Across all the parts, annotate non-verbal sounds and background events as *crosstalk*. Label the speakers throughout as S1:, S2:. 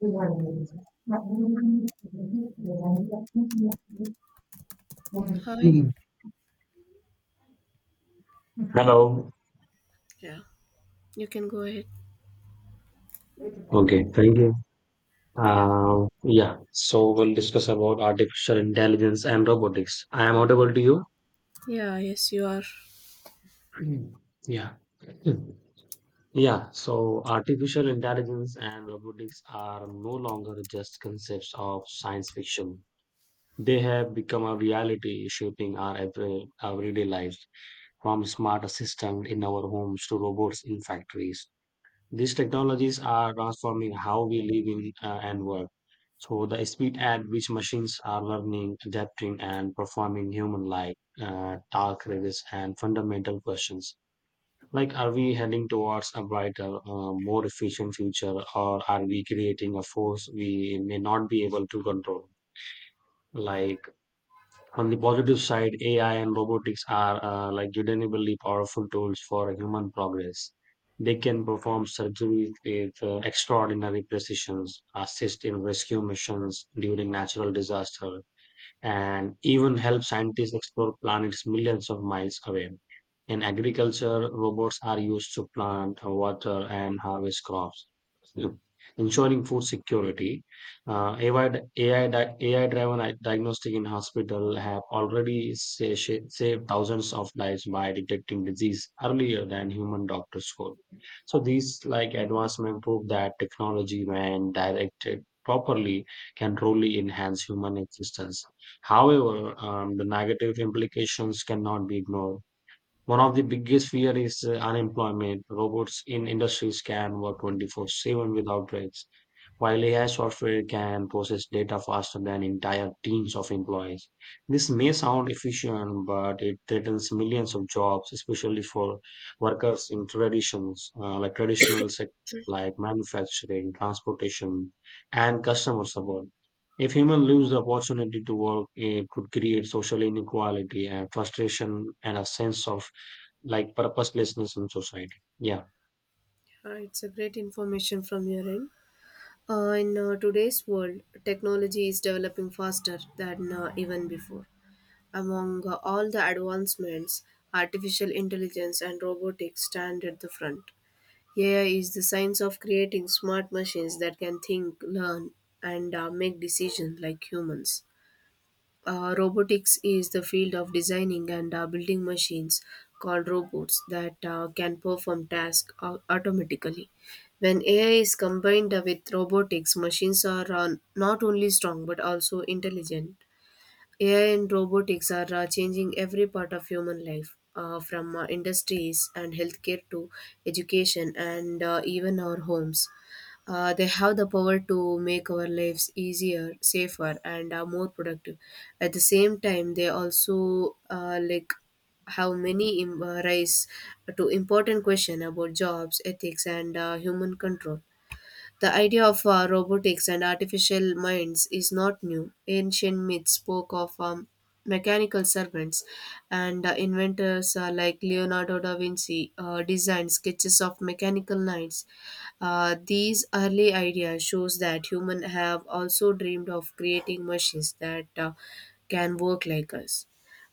S1: Hello.
S2: Hi. Yeah, you can go ahead.
S1: Okay, thank you.
S2: Yeah.
S1: Uh, yeah, so we'll discuss about artificial intelligence and robotics. I am audible to you?
S2: Yeah, yes, you are.
S1: *clears throat* Mm. Yeah. Mm. Yeah, so artificial intelligence and robotics are no longer just concepts of science fiction. They have become a reality shaping our everyday lives. From smart assistants in our homes to robots in factories. These technologies are transforming how we live in and work. So the speed at which machines are learning, adapting, and performing human-like tasks raises and fundamental questions. Like, are we heading towards a brighter, more efficient future, or are we creating a force we may not be able to control? Like on the positive side, AI and robotics are like genuinely powerful tools for human progress. They can perform surgeries with extraordinary precisions, assist in rescue missions during natural disasters, and even help scientists explore planets millions of miles away. In agriculture, robots are used to plant, water, and harvest crops, ensuring food security. AI-driven diagnostic in hospital have already saved thousands of lives by detecting disease earlier than human doctors could. So these like advancement prove that technology, when directed properly, can truly enhance human existence. However, the negative implications cannot be ignored. One of the biggest fear is unemployment. Robots in industries can work 24/7 without breaks, while AI software can process data faster than entire teams of employees, this may sound efficient, but it threatens millions of jobs, especially for workers in traditions like traditional sectors like manufacturing, transportation, and customer support. If humans lose the opportunity to work, it could create social inequality and frustration and a sense of like purposelessness in society. Yeah.
S2: Yeah. It's a great information from your end. In today's world, technology is developing faster than even before. Among all the advancements, artificial intelligence and robotics stand at the front. AI is the science of creating smart machines that can think, learn, and make decisions like humans. Robotics is the field of designing and building machines called robots that can perform tasks automatically. When AI is combined with robotics, machines are not only strong but also intelligent. AI and robotics are changing every part of human life, from industries and healthcare to education and even our homes. They have the power to make our lives easier, safer, and more productive. At the same time, they also like rise to important question about jobs, ethics, and human control. The idea of robotics and artificial minds is not new. Ancient myths spoke of mechanical servants, and inventors like Leonardo da Vinci designed sketches of mechanical knights. These early ideas shows that humans have also dreamed of creating machines that can work like us.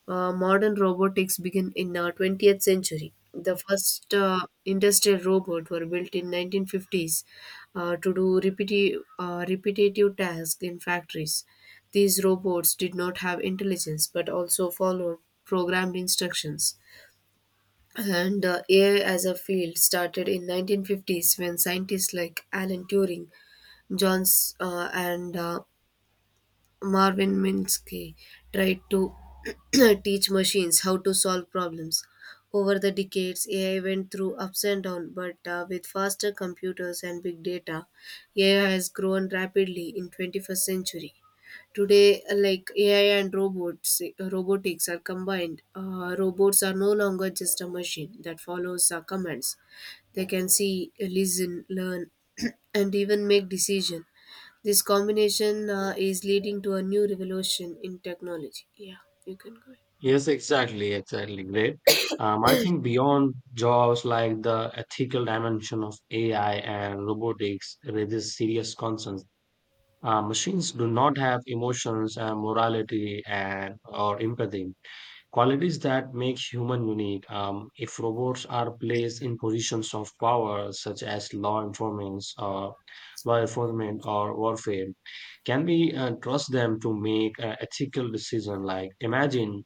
S2: Modern robotics began in the 20th century. The first industrial robots were built in 1950s to do repetitive tasks in factories. These robots did not have intelligence but also followed programmed instructions. And AI as a field started in 1950s when scientists like Alan Turing, Johns and Marvin Minsky tried to *clears throat* teach machines how to solve problems. Over the decades, AI went through ups and downs, but with faster computers and big data, AI has grown rapidly in 21st century. Today, like AI and robotics are combined. Robots are no longer just a machine that follows commands. They can see, listen, learn, *clears throat* and even make decision. This combination is leading to a new revolution in technology. Yeah, you can go ahead.
S1: Yes, exactly, exactly. Great. I think beyond jobs, like the ethical dimension of AI and robotics raises serious concerns. Machines do not have emotions and morality and or empathy, qualities that make human unique. If robots are placed in positions of power, such as law enforcement or warfare, can we trust them to make an ethical decision? Like imagine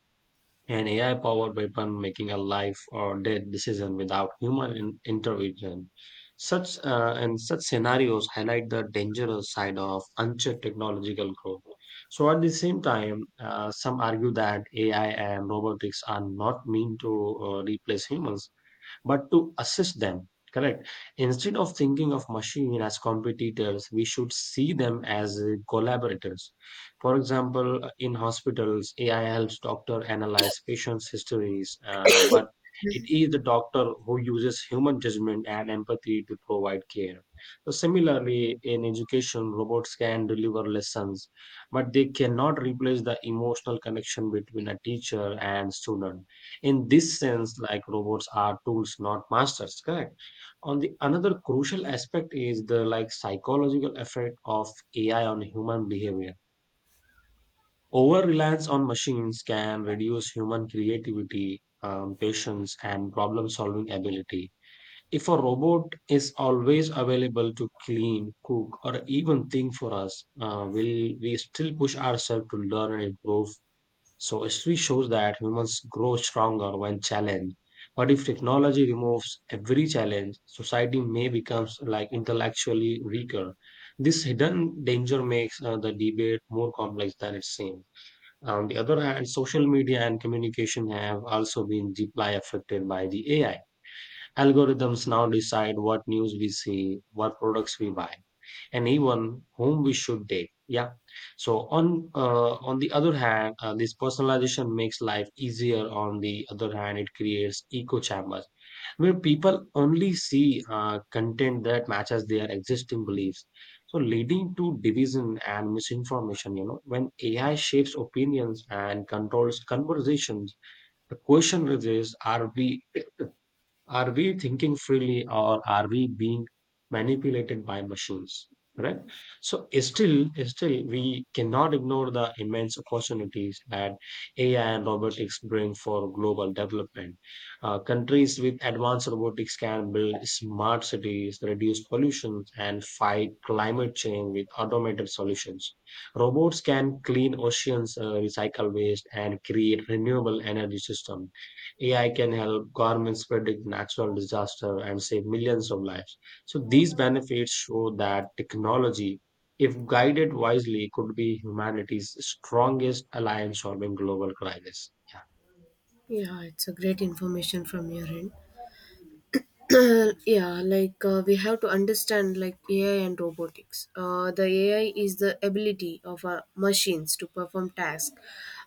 S1: an AI powered weapon making a life or death decision without human intervention. Such scenarios highlight the dangerous side of unchecked technological growth. So at the same time, some argue that AI and robotics are not meant to replace humans, but to assist them. Correct. Instead of thinking of machine as competitors, we should see them as collaborators. For example, in hospitals, AI helps doctor analyze patients' histories, but it is the doctor who uses human judgment and empathy to provide care. So similarly, in education, robots can deliver lessons, but they cannot replace the emotional connection between a teacher and student in this sense, like robots are tools not masters. Correct. On the another crucial aspect is the like psychological effect of AI on human behavior. Over reliance on machines can reduce human creativity, patience and problem solving ability. If a robot is always available to clean cook or even think for us, will we still push ourselves to learn and improve? So history shows that humans grow stronger when challenged. But if technology removes every challenge, society may become like intellectually weaker. This hidden danger makes the debate more complex than it seems. On the other hand, social media and communication have also been deeply affected by the AI. Algorithms now decide what news we see, what products we buy, anyone whom we should date, yeah, so on the other hand, this personalization makes life easier, on the other hand it creates echo chambers where people only see content that matches their existing beliefs, so leading to division and misinformation. You know, when AI shapes opinions and controls conversations, the question is, are we, are we thinking freely or are we being manipulated by machines? Correct. So still we cannot ignore the immense opportunities that AI and robotics bring for global development. Countries with advanced robotics can build smart cities, reduce pollution, and fight climate change with automated solutions. Robots can clean oceans, recycle waste, and create renewable energy systems. AI can help governments predict natural disaster and save millions of lives. So these benefits show that technology, if guided wisely, could be humanity's strongest alliance solving global crisis. Yeah.
S2: Yeah, it's a great information from your end. *clears throat* Yeah, like we have to understand like AI and robotics. The AI is the ability of our machines to perform tasks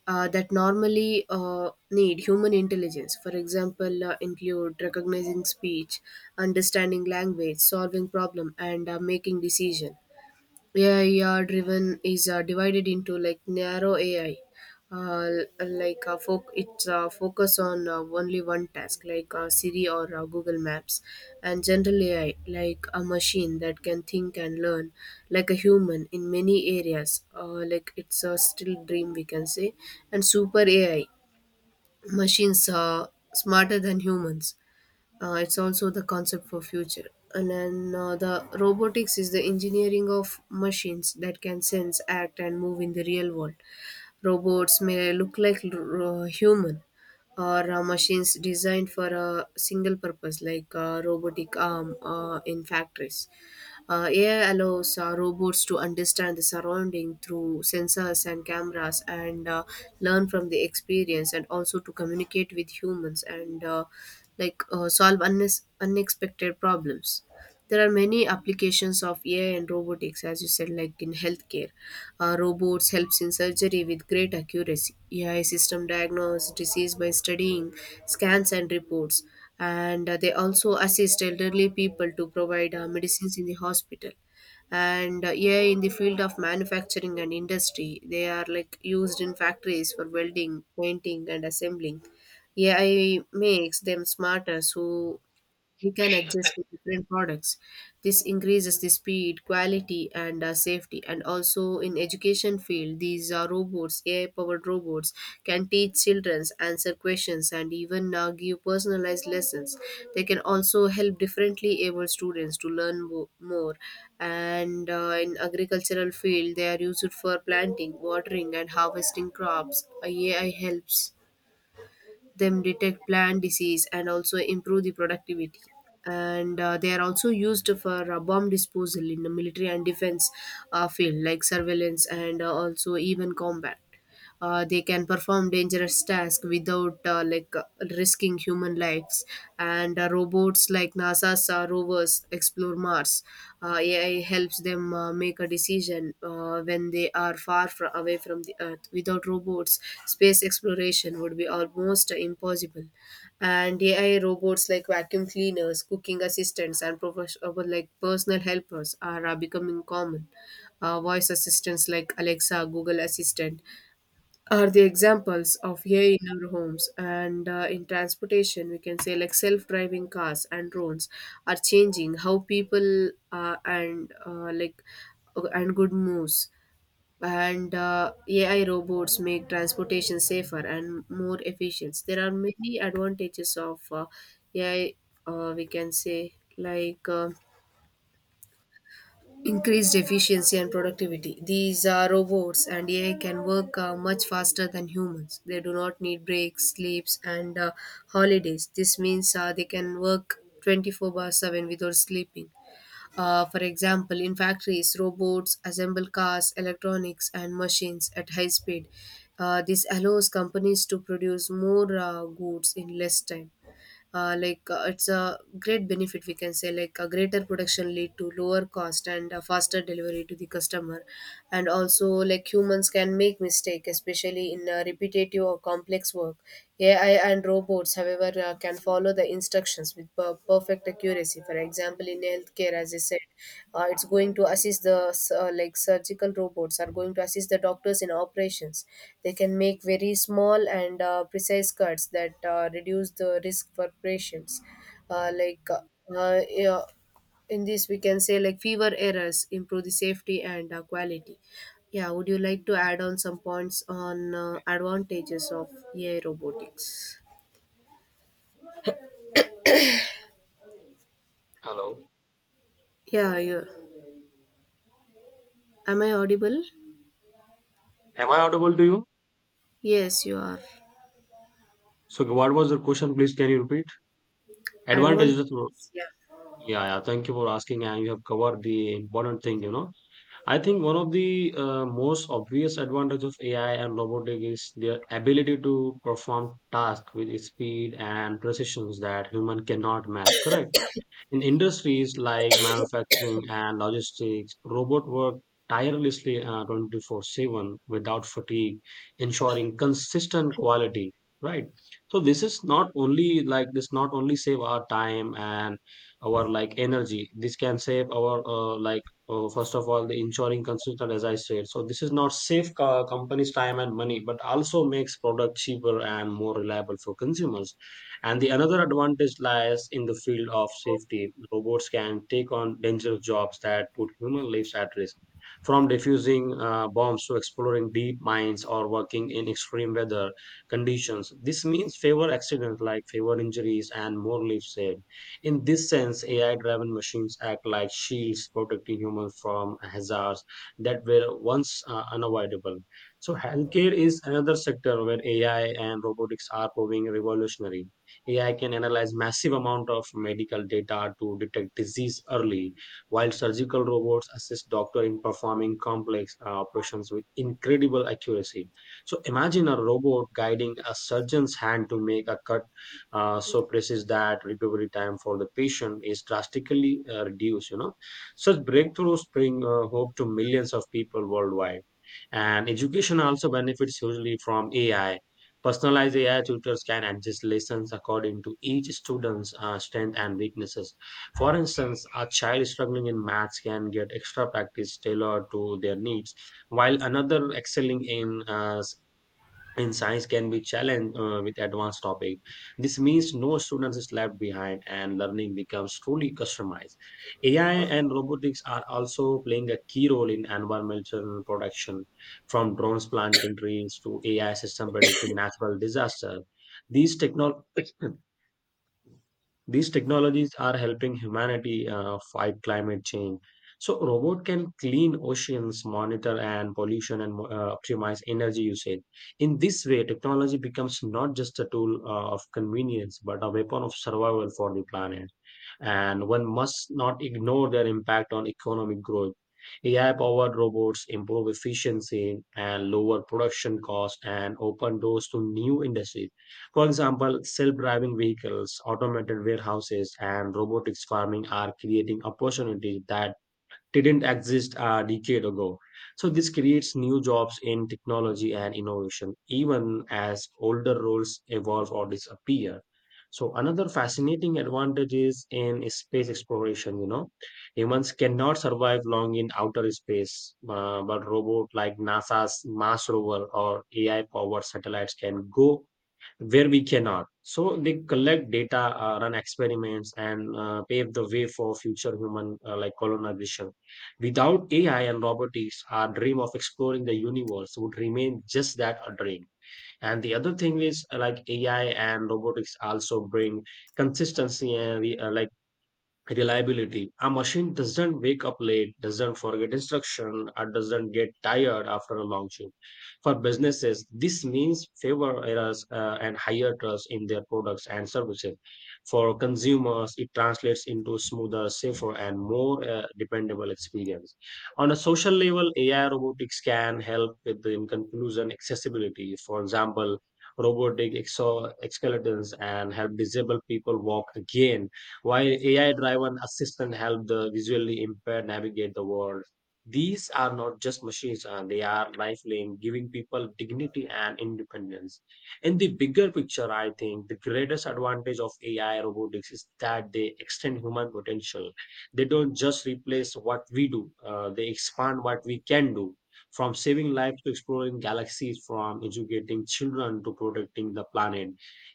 S2: that normally need human intelligence. For example, include recognizing speech, understanding language, solving problem, and making decision. AI driven is divided into like narrow AI, uh, like foc- it's focus on only one task, like Siri or Google Maps, and general AI, like a machine that can think and learn like a human in many areas. Like it's a still dream we can say, and super AI, machines are smarter than humans. It's also the concept for future. And then the robotics is the engineering of machines that can sense, act, and move in the real world. Robots may look like human or machines designed for a single purpose, like a robotic arm in factories. AI allows robots to understand the surrounding through sensors and cameras and learn from the experience and also to communicate with humans and like solve unexpected problems. There are many applications of AI and robotics, as you said, like in healthcare. Robots helps in surgery with great accuracy. AI system diagnose disease by studying scans and reports, and they also assist elderly people to provide medicines in the hospital. And AI in the field of manufacturing and industry. They are like used in factories for welding, painting, and assembling. AI makes them smarter, so he can adjust to different products. This increases the speed, quality, and safety. And also in education field, these robots, AI-powered robots, can teach children, answer questions, and even give personalized lessons. They can also help differently able students to learn more. And in agricultural field, they are used for planting, watering, and harvesting crops. AI helps them detect plant disease and also improve the productivity. And they are also used for bomb disposal in the military and defense field like surveillance and also even combat. They can perform dangerous tasks without like risking human lives. And robots like NASA's rovers explore Mars. AI helps them make a decision when they are far away from the Earth. Without robots, space exploration would be almost impossible. And AI robots like vacuum cleaners, cooking assistants, and professional like personal helpers are becoming common. Voice assistants like Alexa, Google Assistant, are the examples of AI in our homes. And in transportation we can say like self-driving cars and drones are changing how people and like and good moves. And AI robots make transportation safer and more efficient. There are many advantages of AI. We can say like increased efficiency and productivity. These are robots and AI can work much faster than humans. They do not need breaks, sleeps, and holidays. This means they can work 24 by 7 without sleeping. For example, in factories, robots assemble cars, electronics, and machines at high speed. This allows companies to produce more goods in less time. Like it's a great benefit we can say, like a greater production lead to lower cost and a faster delivery to the customer. And also like humans can make mistake, especially in repetitive or complex work. AI and robots, however, can follow the instructions with perfect accuracy. For example, in healthcare, as I said, it's going to assist the s- like surgical robots are going to assist the doctors in operations. They can make very small and precise cuts that reduce the risk for patients. Like yeah, in this, we can say like fewer errors improve the safety and quality. Yeah, would you like to add on some points on advantages of AI robotics?
S1: Hello.
S2: Yeah, yeah. Am I audible?
S1: Am I audible to you?
S2: Yes, you are.
S1: So what was the question? Please can you repeat? Advantages. Of-
S2: Advantages, yeah.
S1: Yeah, yeah. Thank you for asking, and you have covered the important thing. You know. I think one of the most obvious advantage of AI and robotic is their ability to perform tasks with speed and precision that human cannot match. Correct. In industries like manufacturing and logistics, robots work tirelessly 24/7 without fatigue, ensuring consistent quality, right? So this is not only like this not only save our time and our like energy. This can save our first of all the ensuring consistent as I said. So this is not save companies time and money, but also makes product cheaper and more reliable for consumers and the another advantage lies in the field of safety. Robots can take on dangerous jobs that put human lives at risk, from defusing bombs to exploring deep mines or working in extreme weather conditions. This means fewer accidents, like fewer injuries and more lives saved. In this sense, AI-driven machines act like shields protecting humans from hazards that were once unavoidable. So healthcare is another sector where AI and robotics are proving revolutionary. AI can analyze massive amount of medical data to detect disease early, while surgical robots assist doctor in performing complex operations with incredible accuracy. So imagine a robot guiding a surgeon's hand to make a cut so precise that recovery time for the patient is drastically reduced. You know, such breakthroughs bring hope to millions of people worldwide. And education also benefits hugely from AI. Personalized AI tutors can adjust lessons according to each student's strength and weaknesses. For instance, a child struggling in maths can get extra practice tailored to their needs, while another excelling in and science can be challenged with advanced topic. This means no students is left behind and learning becomes truly customized. AI and robotics are also playing a key role in environmental protection, from drones planting trees to AI system predicting natural disaster. these technologies these technologies are helping humanity fight climate change. So, robot can clean oceans, monitor and pollution, and optimize energy usage. In this way, technology becomes not just a tool of convenience, but a weapon of survival for the planet. And one must not ignore their impact on economic growth. AI-powered robots improve efficiency and lower production costs and open doors to new industries, for example, self driving vehicles, automated warehouses, and robotics farming are creating opportunities that didn't exist a decade ago. So, this creates new jobs in technology and innovation, even as older roles evolve or disappear. So, another fascinating advantage is in space exploration. You know, humans cannot survive long in outer space, but robots like NASA's Mars rover or AI powered satellites can go where we cannot. So they collect data, run experiments, and pave the way for future human like colonization. Without AI and robotics, our dream of exploring the universe would remain just that a dream. And the other thing is like AI and robotics also bring consistency and reliability. A machine doesn't wake up late, doesn't forget instruction, or doesn't get tired after a long shift. For businesses, this means fewer errors and higher trust in their products and services. For consumers, it translates into smoother, safer, and more dependable experience. On a social level, AI robotics can help with the in conclusion accessibility. For example, robotic exoskeletons and help disabled people walk again while AI driven assistant help the visually impaired navigate the world. These are not just machines, they are lifeline, giving people dignity and independence. In the bigger picture, I think the greatest advantage of AI robotics is that they extend human potential. They don't just replace what we do, they expand what we can do. From saving lives to exploring galaxies, from educating children to protecting the planet,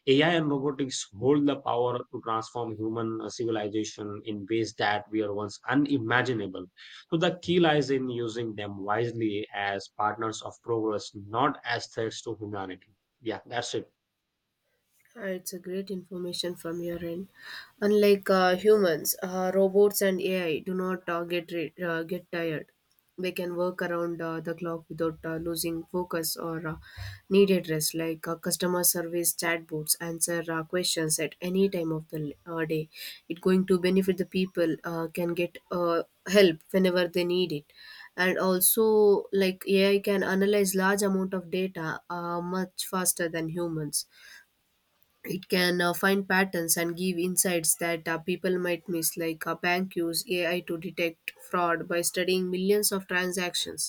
S1: AI and robotics hold the power to transform human civilization in ways that were once unimaginable. So the key lies in using them wisely as partners of progress, not as threats to humanity. Yeah, that's it.
S2: It's a great information from your end. Unlike humans, robots and AI do not get tired. They can work around the clock without losing focus or needed rest. Like customer service chatbots answer questions at any time of the day. It going to benefit the people can get help whenever they need it. And also, like AI can analyze large amount of data much faster than humans. It can find patterns and give insights that people might miss, like a bank use AI to detect fraud by studying millions of transactions.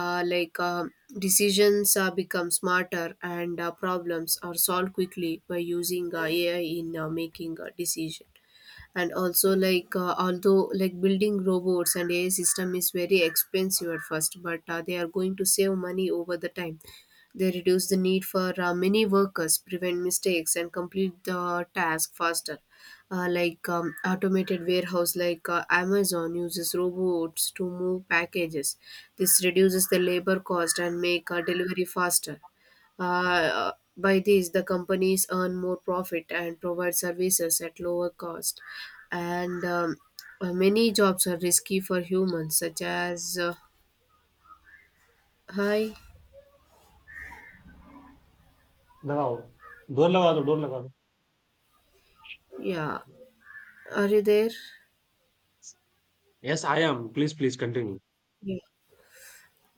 S2: Like decisions become smarter and problems are solved quickly by using AI in making a decision. And also like although like building robots and AI system is very expensive at first, but they are going to save money over the time. They reduce the need for many workers, prevent mistakes, and complete the task faster. Like automated warehouse, like Amazon uses robots to move packages. This reduces the labor cost and make delivery faster. By this the companies earn more profit and provide services at lower cost. And many jobs are risky for humans, such as hi.
S1: लगाओ door लगा दो.
S2: Yeah. Are you there?
S1: Yes, I am. Please, please continue.
S2: Yeah.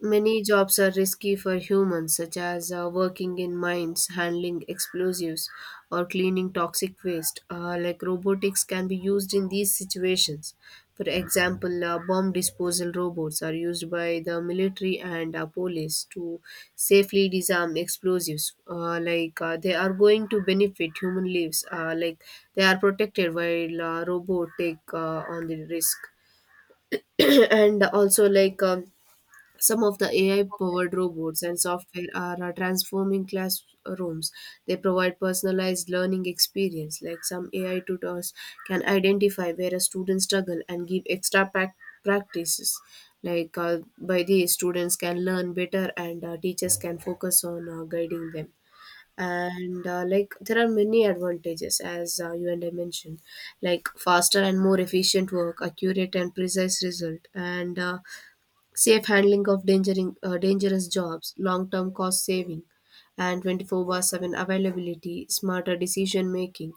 S2: Many jobs are risky for humans, such as working in mines, handling explosives, or cleaning toxic waste. Like robotics can be used in these situations. For example, bomb disposal robots are used by the military and police to safely disarm explosives. Like they are going to benefit human lives. Like they are protected while robot take on the risk. *clears throat* And also like. Some of the AI powered robots and software are transforming classrooms. They provide personalized learning experience, like some AI tutors can identify where a student struggle and give extra practices. Like by these, students can learn better and teachers can focus on guiding them. And Like there are many advantages, as you and I mentioned, like faster and more efficient work, accurate and precise result, and safe handling of dangerous jobs, long term cost saving, and 24 by 7 availability, smarter decision making,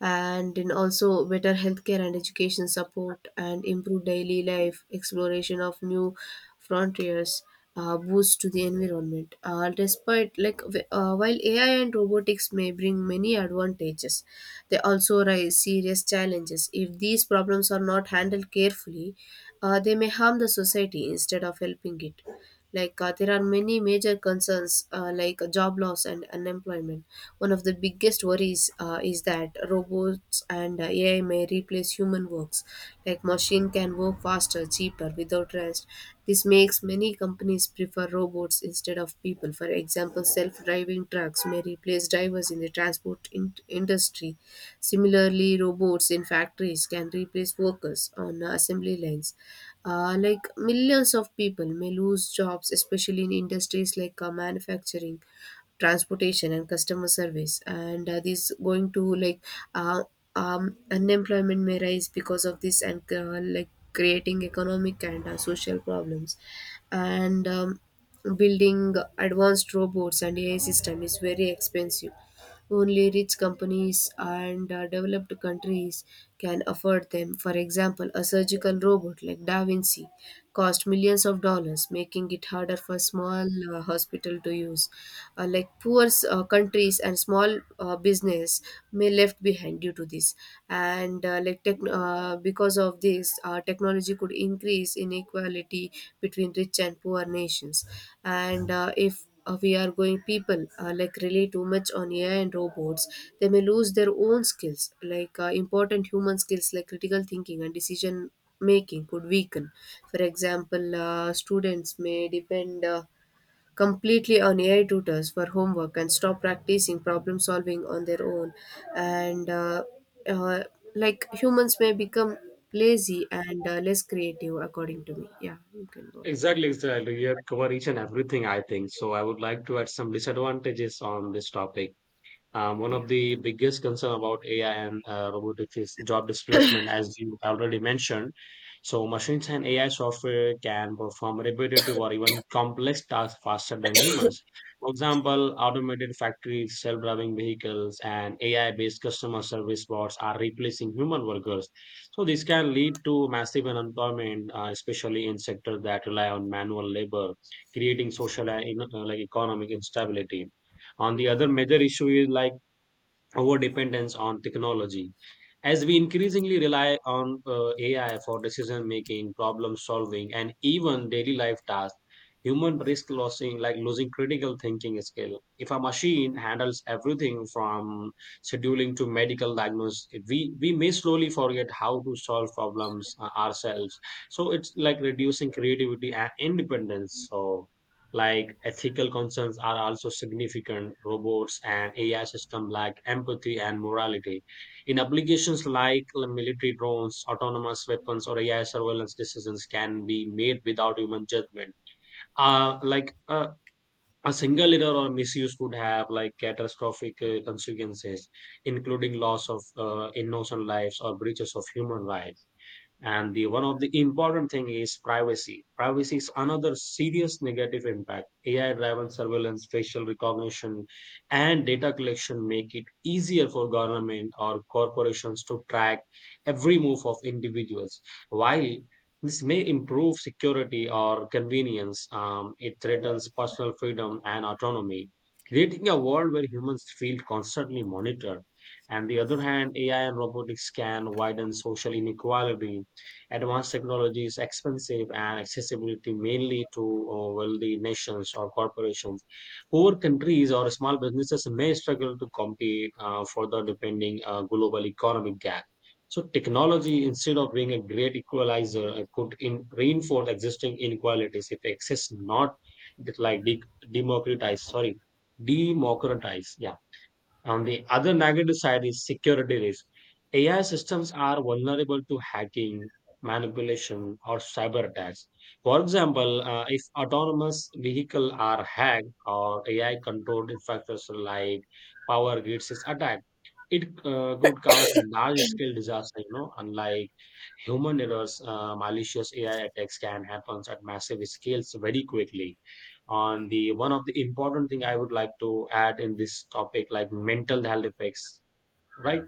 S2: and in also better healthcare and education support, and improve daily life, exploration of new frontiers, boost to the environment. While ai and robotics may bring many advantages, they also raise serious challenges. If these problems are not handled carefully, they may harm the society instead of helping it. Like there are many major concerns, like job loss and unemployment. One of the biggest worries is that robots and ai may replace human works. Like machine can work faster, cheaper, without rest. This makes many companies prefer robots instead of people. For example, self-driving trucks may replace drivers in the industry. Similarly, robots in factories can replace workers on assembly lines. Like millions of people may lose jobs, especially in industries like manufacturing, transportation, and customer service. And this going to like uh, unemployment may rise because of this, and like creating economic and social problems. And Building advanced robots and AI system is very expensive. Only rich companies and developed countries can afford them. For example, a surgical robot like Da Vinci cost millions of dollars, making it harder for small hospital to use. Like poor countries and small business may left behind due to this. And because of this, technology could increase inequality between rich and poor nations. And if we are going, people like rely too much on ai and robots, they may lose their own skills. Like important human skills like critical thinking and decision making could weaken. For example, students may depend completely on ai tutors for homework and stop practicing problem solving on their own. And uh, like humans may become lazy and less creative, according to me. Yeah, you can go ahead.
S1: Exactly, exactly. You have covered each and everything, I think. So I would like to add some disadvantages on this topic. One
S2: Yeah
S1: of the biggest concern about AI and robotics is job displacement, as you already mentioned. So machines and AI software can perform repetitive or even complex tasks faster than humans. For example, automated factories, self-driving vehicles, and AI-based customer service bots are replacing human workers. So this can lead to massive unemployment, especially in sectors that rely on manual labor, creating social and like economic instability. On the other major issue is like over dependence on technology. As we increasingly rely on AI for decision making, problem solving, and even daily life tasks, human risk losing critical thinking skill. If a machine handles everything from scheduling to medical diagnosis, we may slowly forget how to solve problems ourselves. So it's like reducing creativity and independence. So like ethical concerns are also significant. Robots and AI systems lack empathy and morality. In applications like military drones, autonomous weapons, or AI surveillance, decisions can be made without human judgment. uh, like uh, a single error or misuse could have like catastrophic consequences, including loss of innocent lives or breaches of human rights. And the one of the important thing is privacy. Is another serious negative impact. AI driven surveillance, facial recognition, and data collection make it easier for government or corporations to track every move of individuals. While this may improve security or convenience, it threatens personal freedom and autonomy, creating a world where humans feel constantly monitored. And the other hand, AI and robotics can widen social inequality. Advanced technology is expensive and accessibility mainly to wealthy nations or corporations. Poor countries or small businesses may struggle to compete, further depending global economic gap. So technology, instead of being a great equalizer, could in, reinforce existing inequalities if access not like de- democratize. Sorry, democratize. Yeah. On the other negative side is security risk. AI systems are vulnerable to hacking, manipulation, or cyber attacks. For example, if autonomous vehicles are hacked or AI controlled infrastructure like power grids is attacked, it could cause large scale disaster. You know, unlike human errors, malicious AI attacks can happen at massive scales very quickly. On the one of the important thing I would like to add in this topic, like mental health effects, right?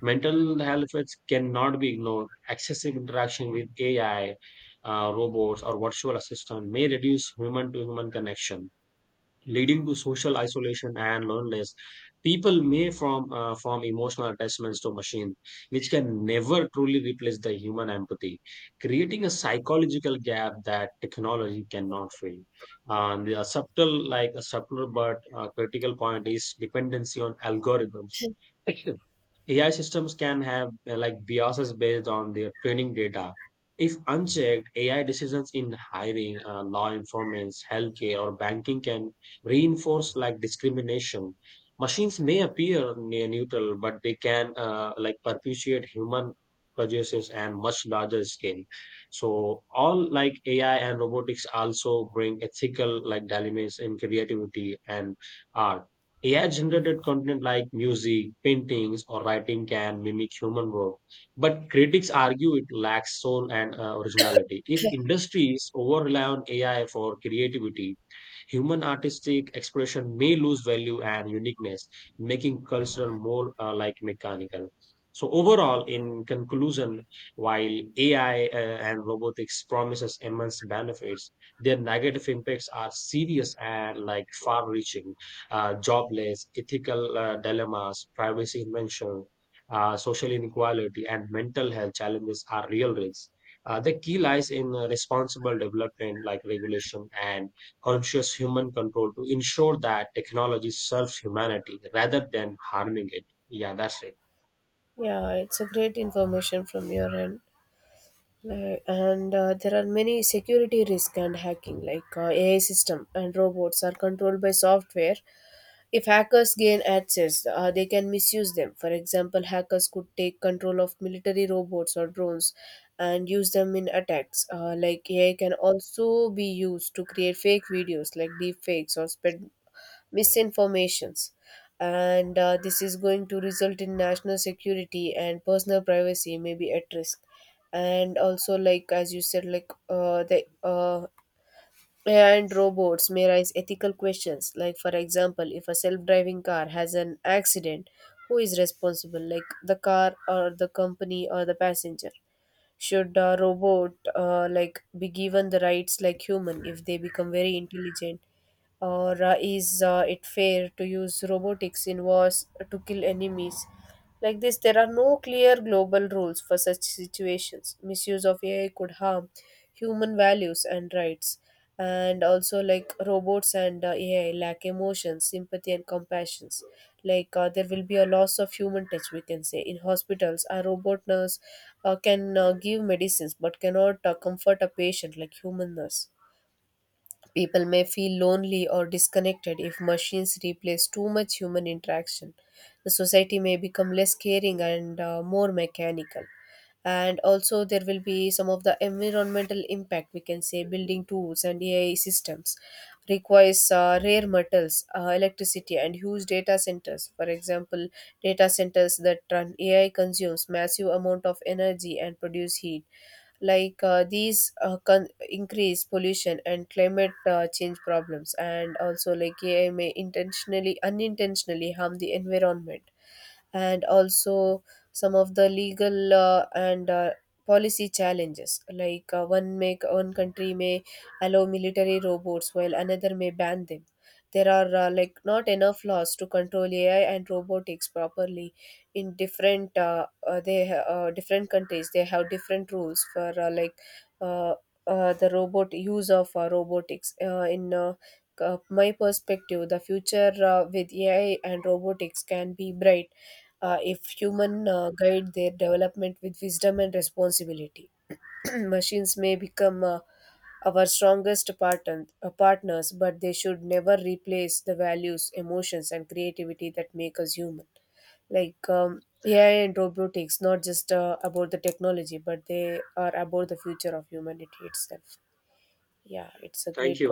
S1: Mental health effects cannot be ignored. Excessive interaction with AI, robots, or virtual assistant may reduce human to human connection, leading to social isolation and loneliness. People may form emotional attachments to machine, which can never truly replace the human empathy, creating a psychological gap that technology cannot fill. And the subtle, like a subtle but critical point is dependency on algorithms. *laughs* AI systems can have like biases based on their training data. If unchecked, AI decisions in hiring, law enforcement, healthcare, or banking can reinforce like discrimination. Machines may appear near neutral, but they can like perpetuate human prejudices and much larger scale. So all like AI and robotics also bring ethical like dilemmas in creativity and art. AI generated content like music, paintings, or writing can mimic human work, but critics argue it lacks soul and originality. If industries over rely on AI for creativity, human artistic expression may lose value and uniqueness, making culture more like mechanical. So overall, in conclusion, while AI and robotics promises immense benefits, their negative impacts are serious and like far-reaching. Jobless, ethical dilemmas, privacy invention, social inequality, and mental health challenges are real risks. The key lies in responsible development, like regulation and conscious human control, to ensure that technology serves humanity rather than harming it. Yeah, that's it.
S2: Yeah, it's a great information from your end. Like, and there are many security risk and hacking. Like AI system and robots are controlled by software. If hackers gain access, they can misuse them. For example, hackers could take control of military robots or drones and use them in attacks. Like AI can also be used to create fake videos like deepfakes or spread misinformations. And this is going to result in national security and personal privacy may be at risk. And also, like as you said, like the AI and robots may raise ethical questions. Like, for example, if a self driving car has an accident, who is responsible, like the car or the company or the passenger? Should a robot like be given the rights like human if they become very intelligent? Or is it fair to use robotics in wars to kill enemies? Like this, there are no clear global rules for such situations. Misuse of ai could harm human values and rights. And also, like robots and ai lack emotions, sympathy, and compassions. Like there will be a loss of human touch, we can say. In hospitals, a robot nurse can give medicines but cannot comfort a patient like human nurse. People may feel lonely or disconnected if machines replace too much human interaction. The society may become less caring and more mechanical. And also, there will be some of the environmental impact, we can say. Building tools and AI systems requires rare metals, electricity, and huge data centers. For example, data centers that run AI consumes massive amount of energy and produce heat. Like increase pollution and climate change problems. And also, like ai may intentionally, unintentionally harm the environment. And also, some of the legal and policy challenges, like one country may allow military robots while another may ban them. There are like not enough laws to control ai and robotics properly. In different different countries, they have different rules for like uh, the robot use of robotics in my perspective. The future with ai and robotics can be bright if human guide their development with wisdom and responsibility. *clears throat* Machines may become our strongest partners, but they should never replace the values, emotions, and creativity that make us human. AI and robotics, not just about the technology, but they are about the future of humanity itself. Yeah, it's a great concept.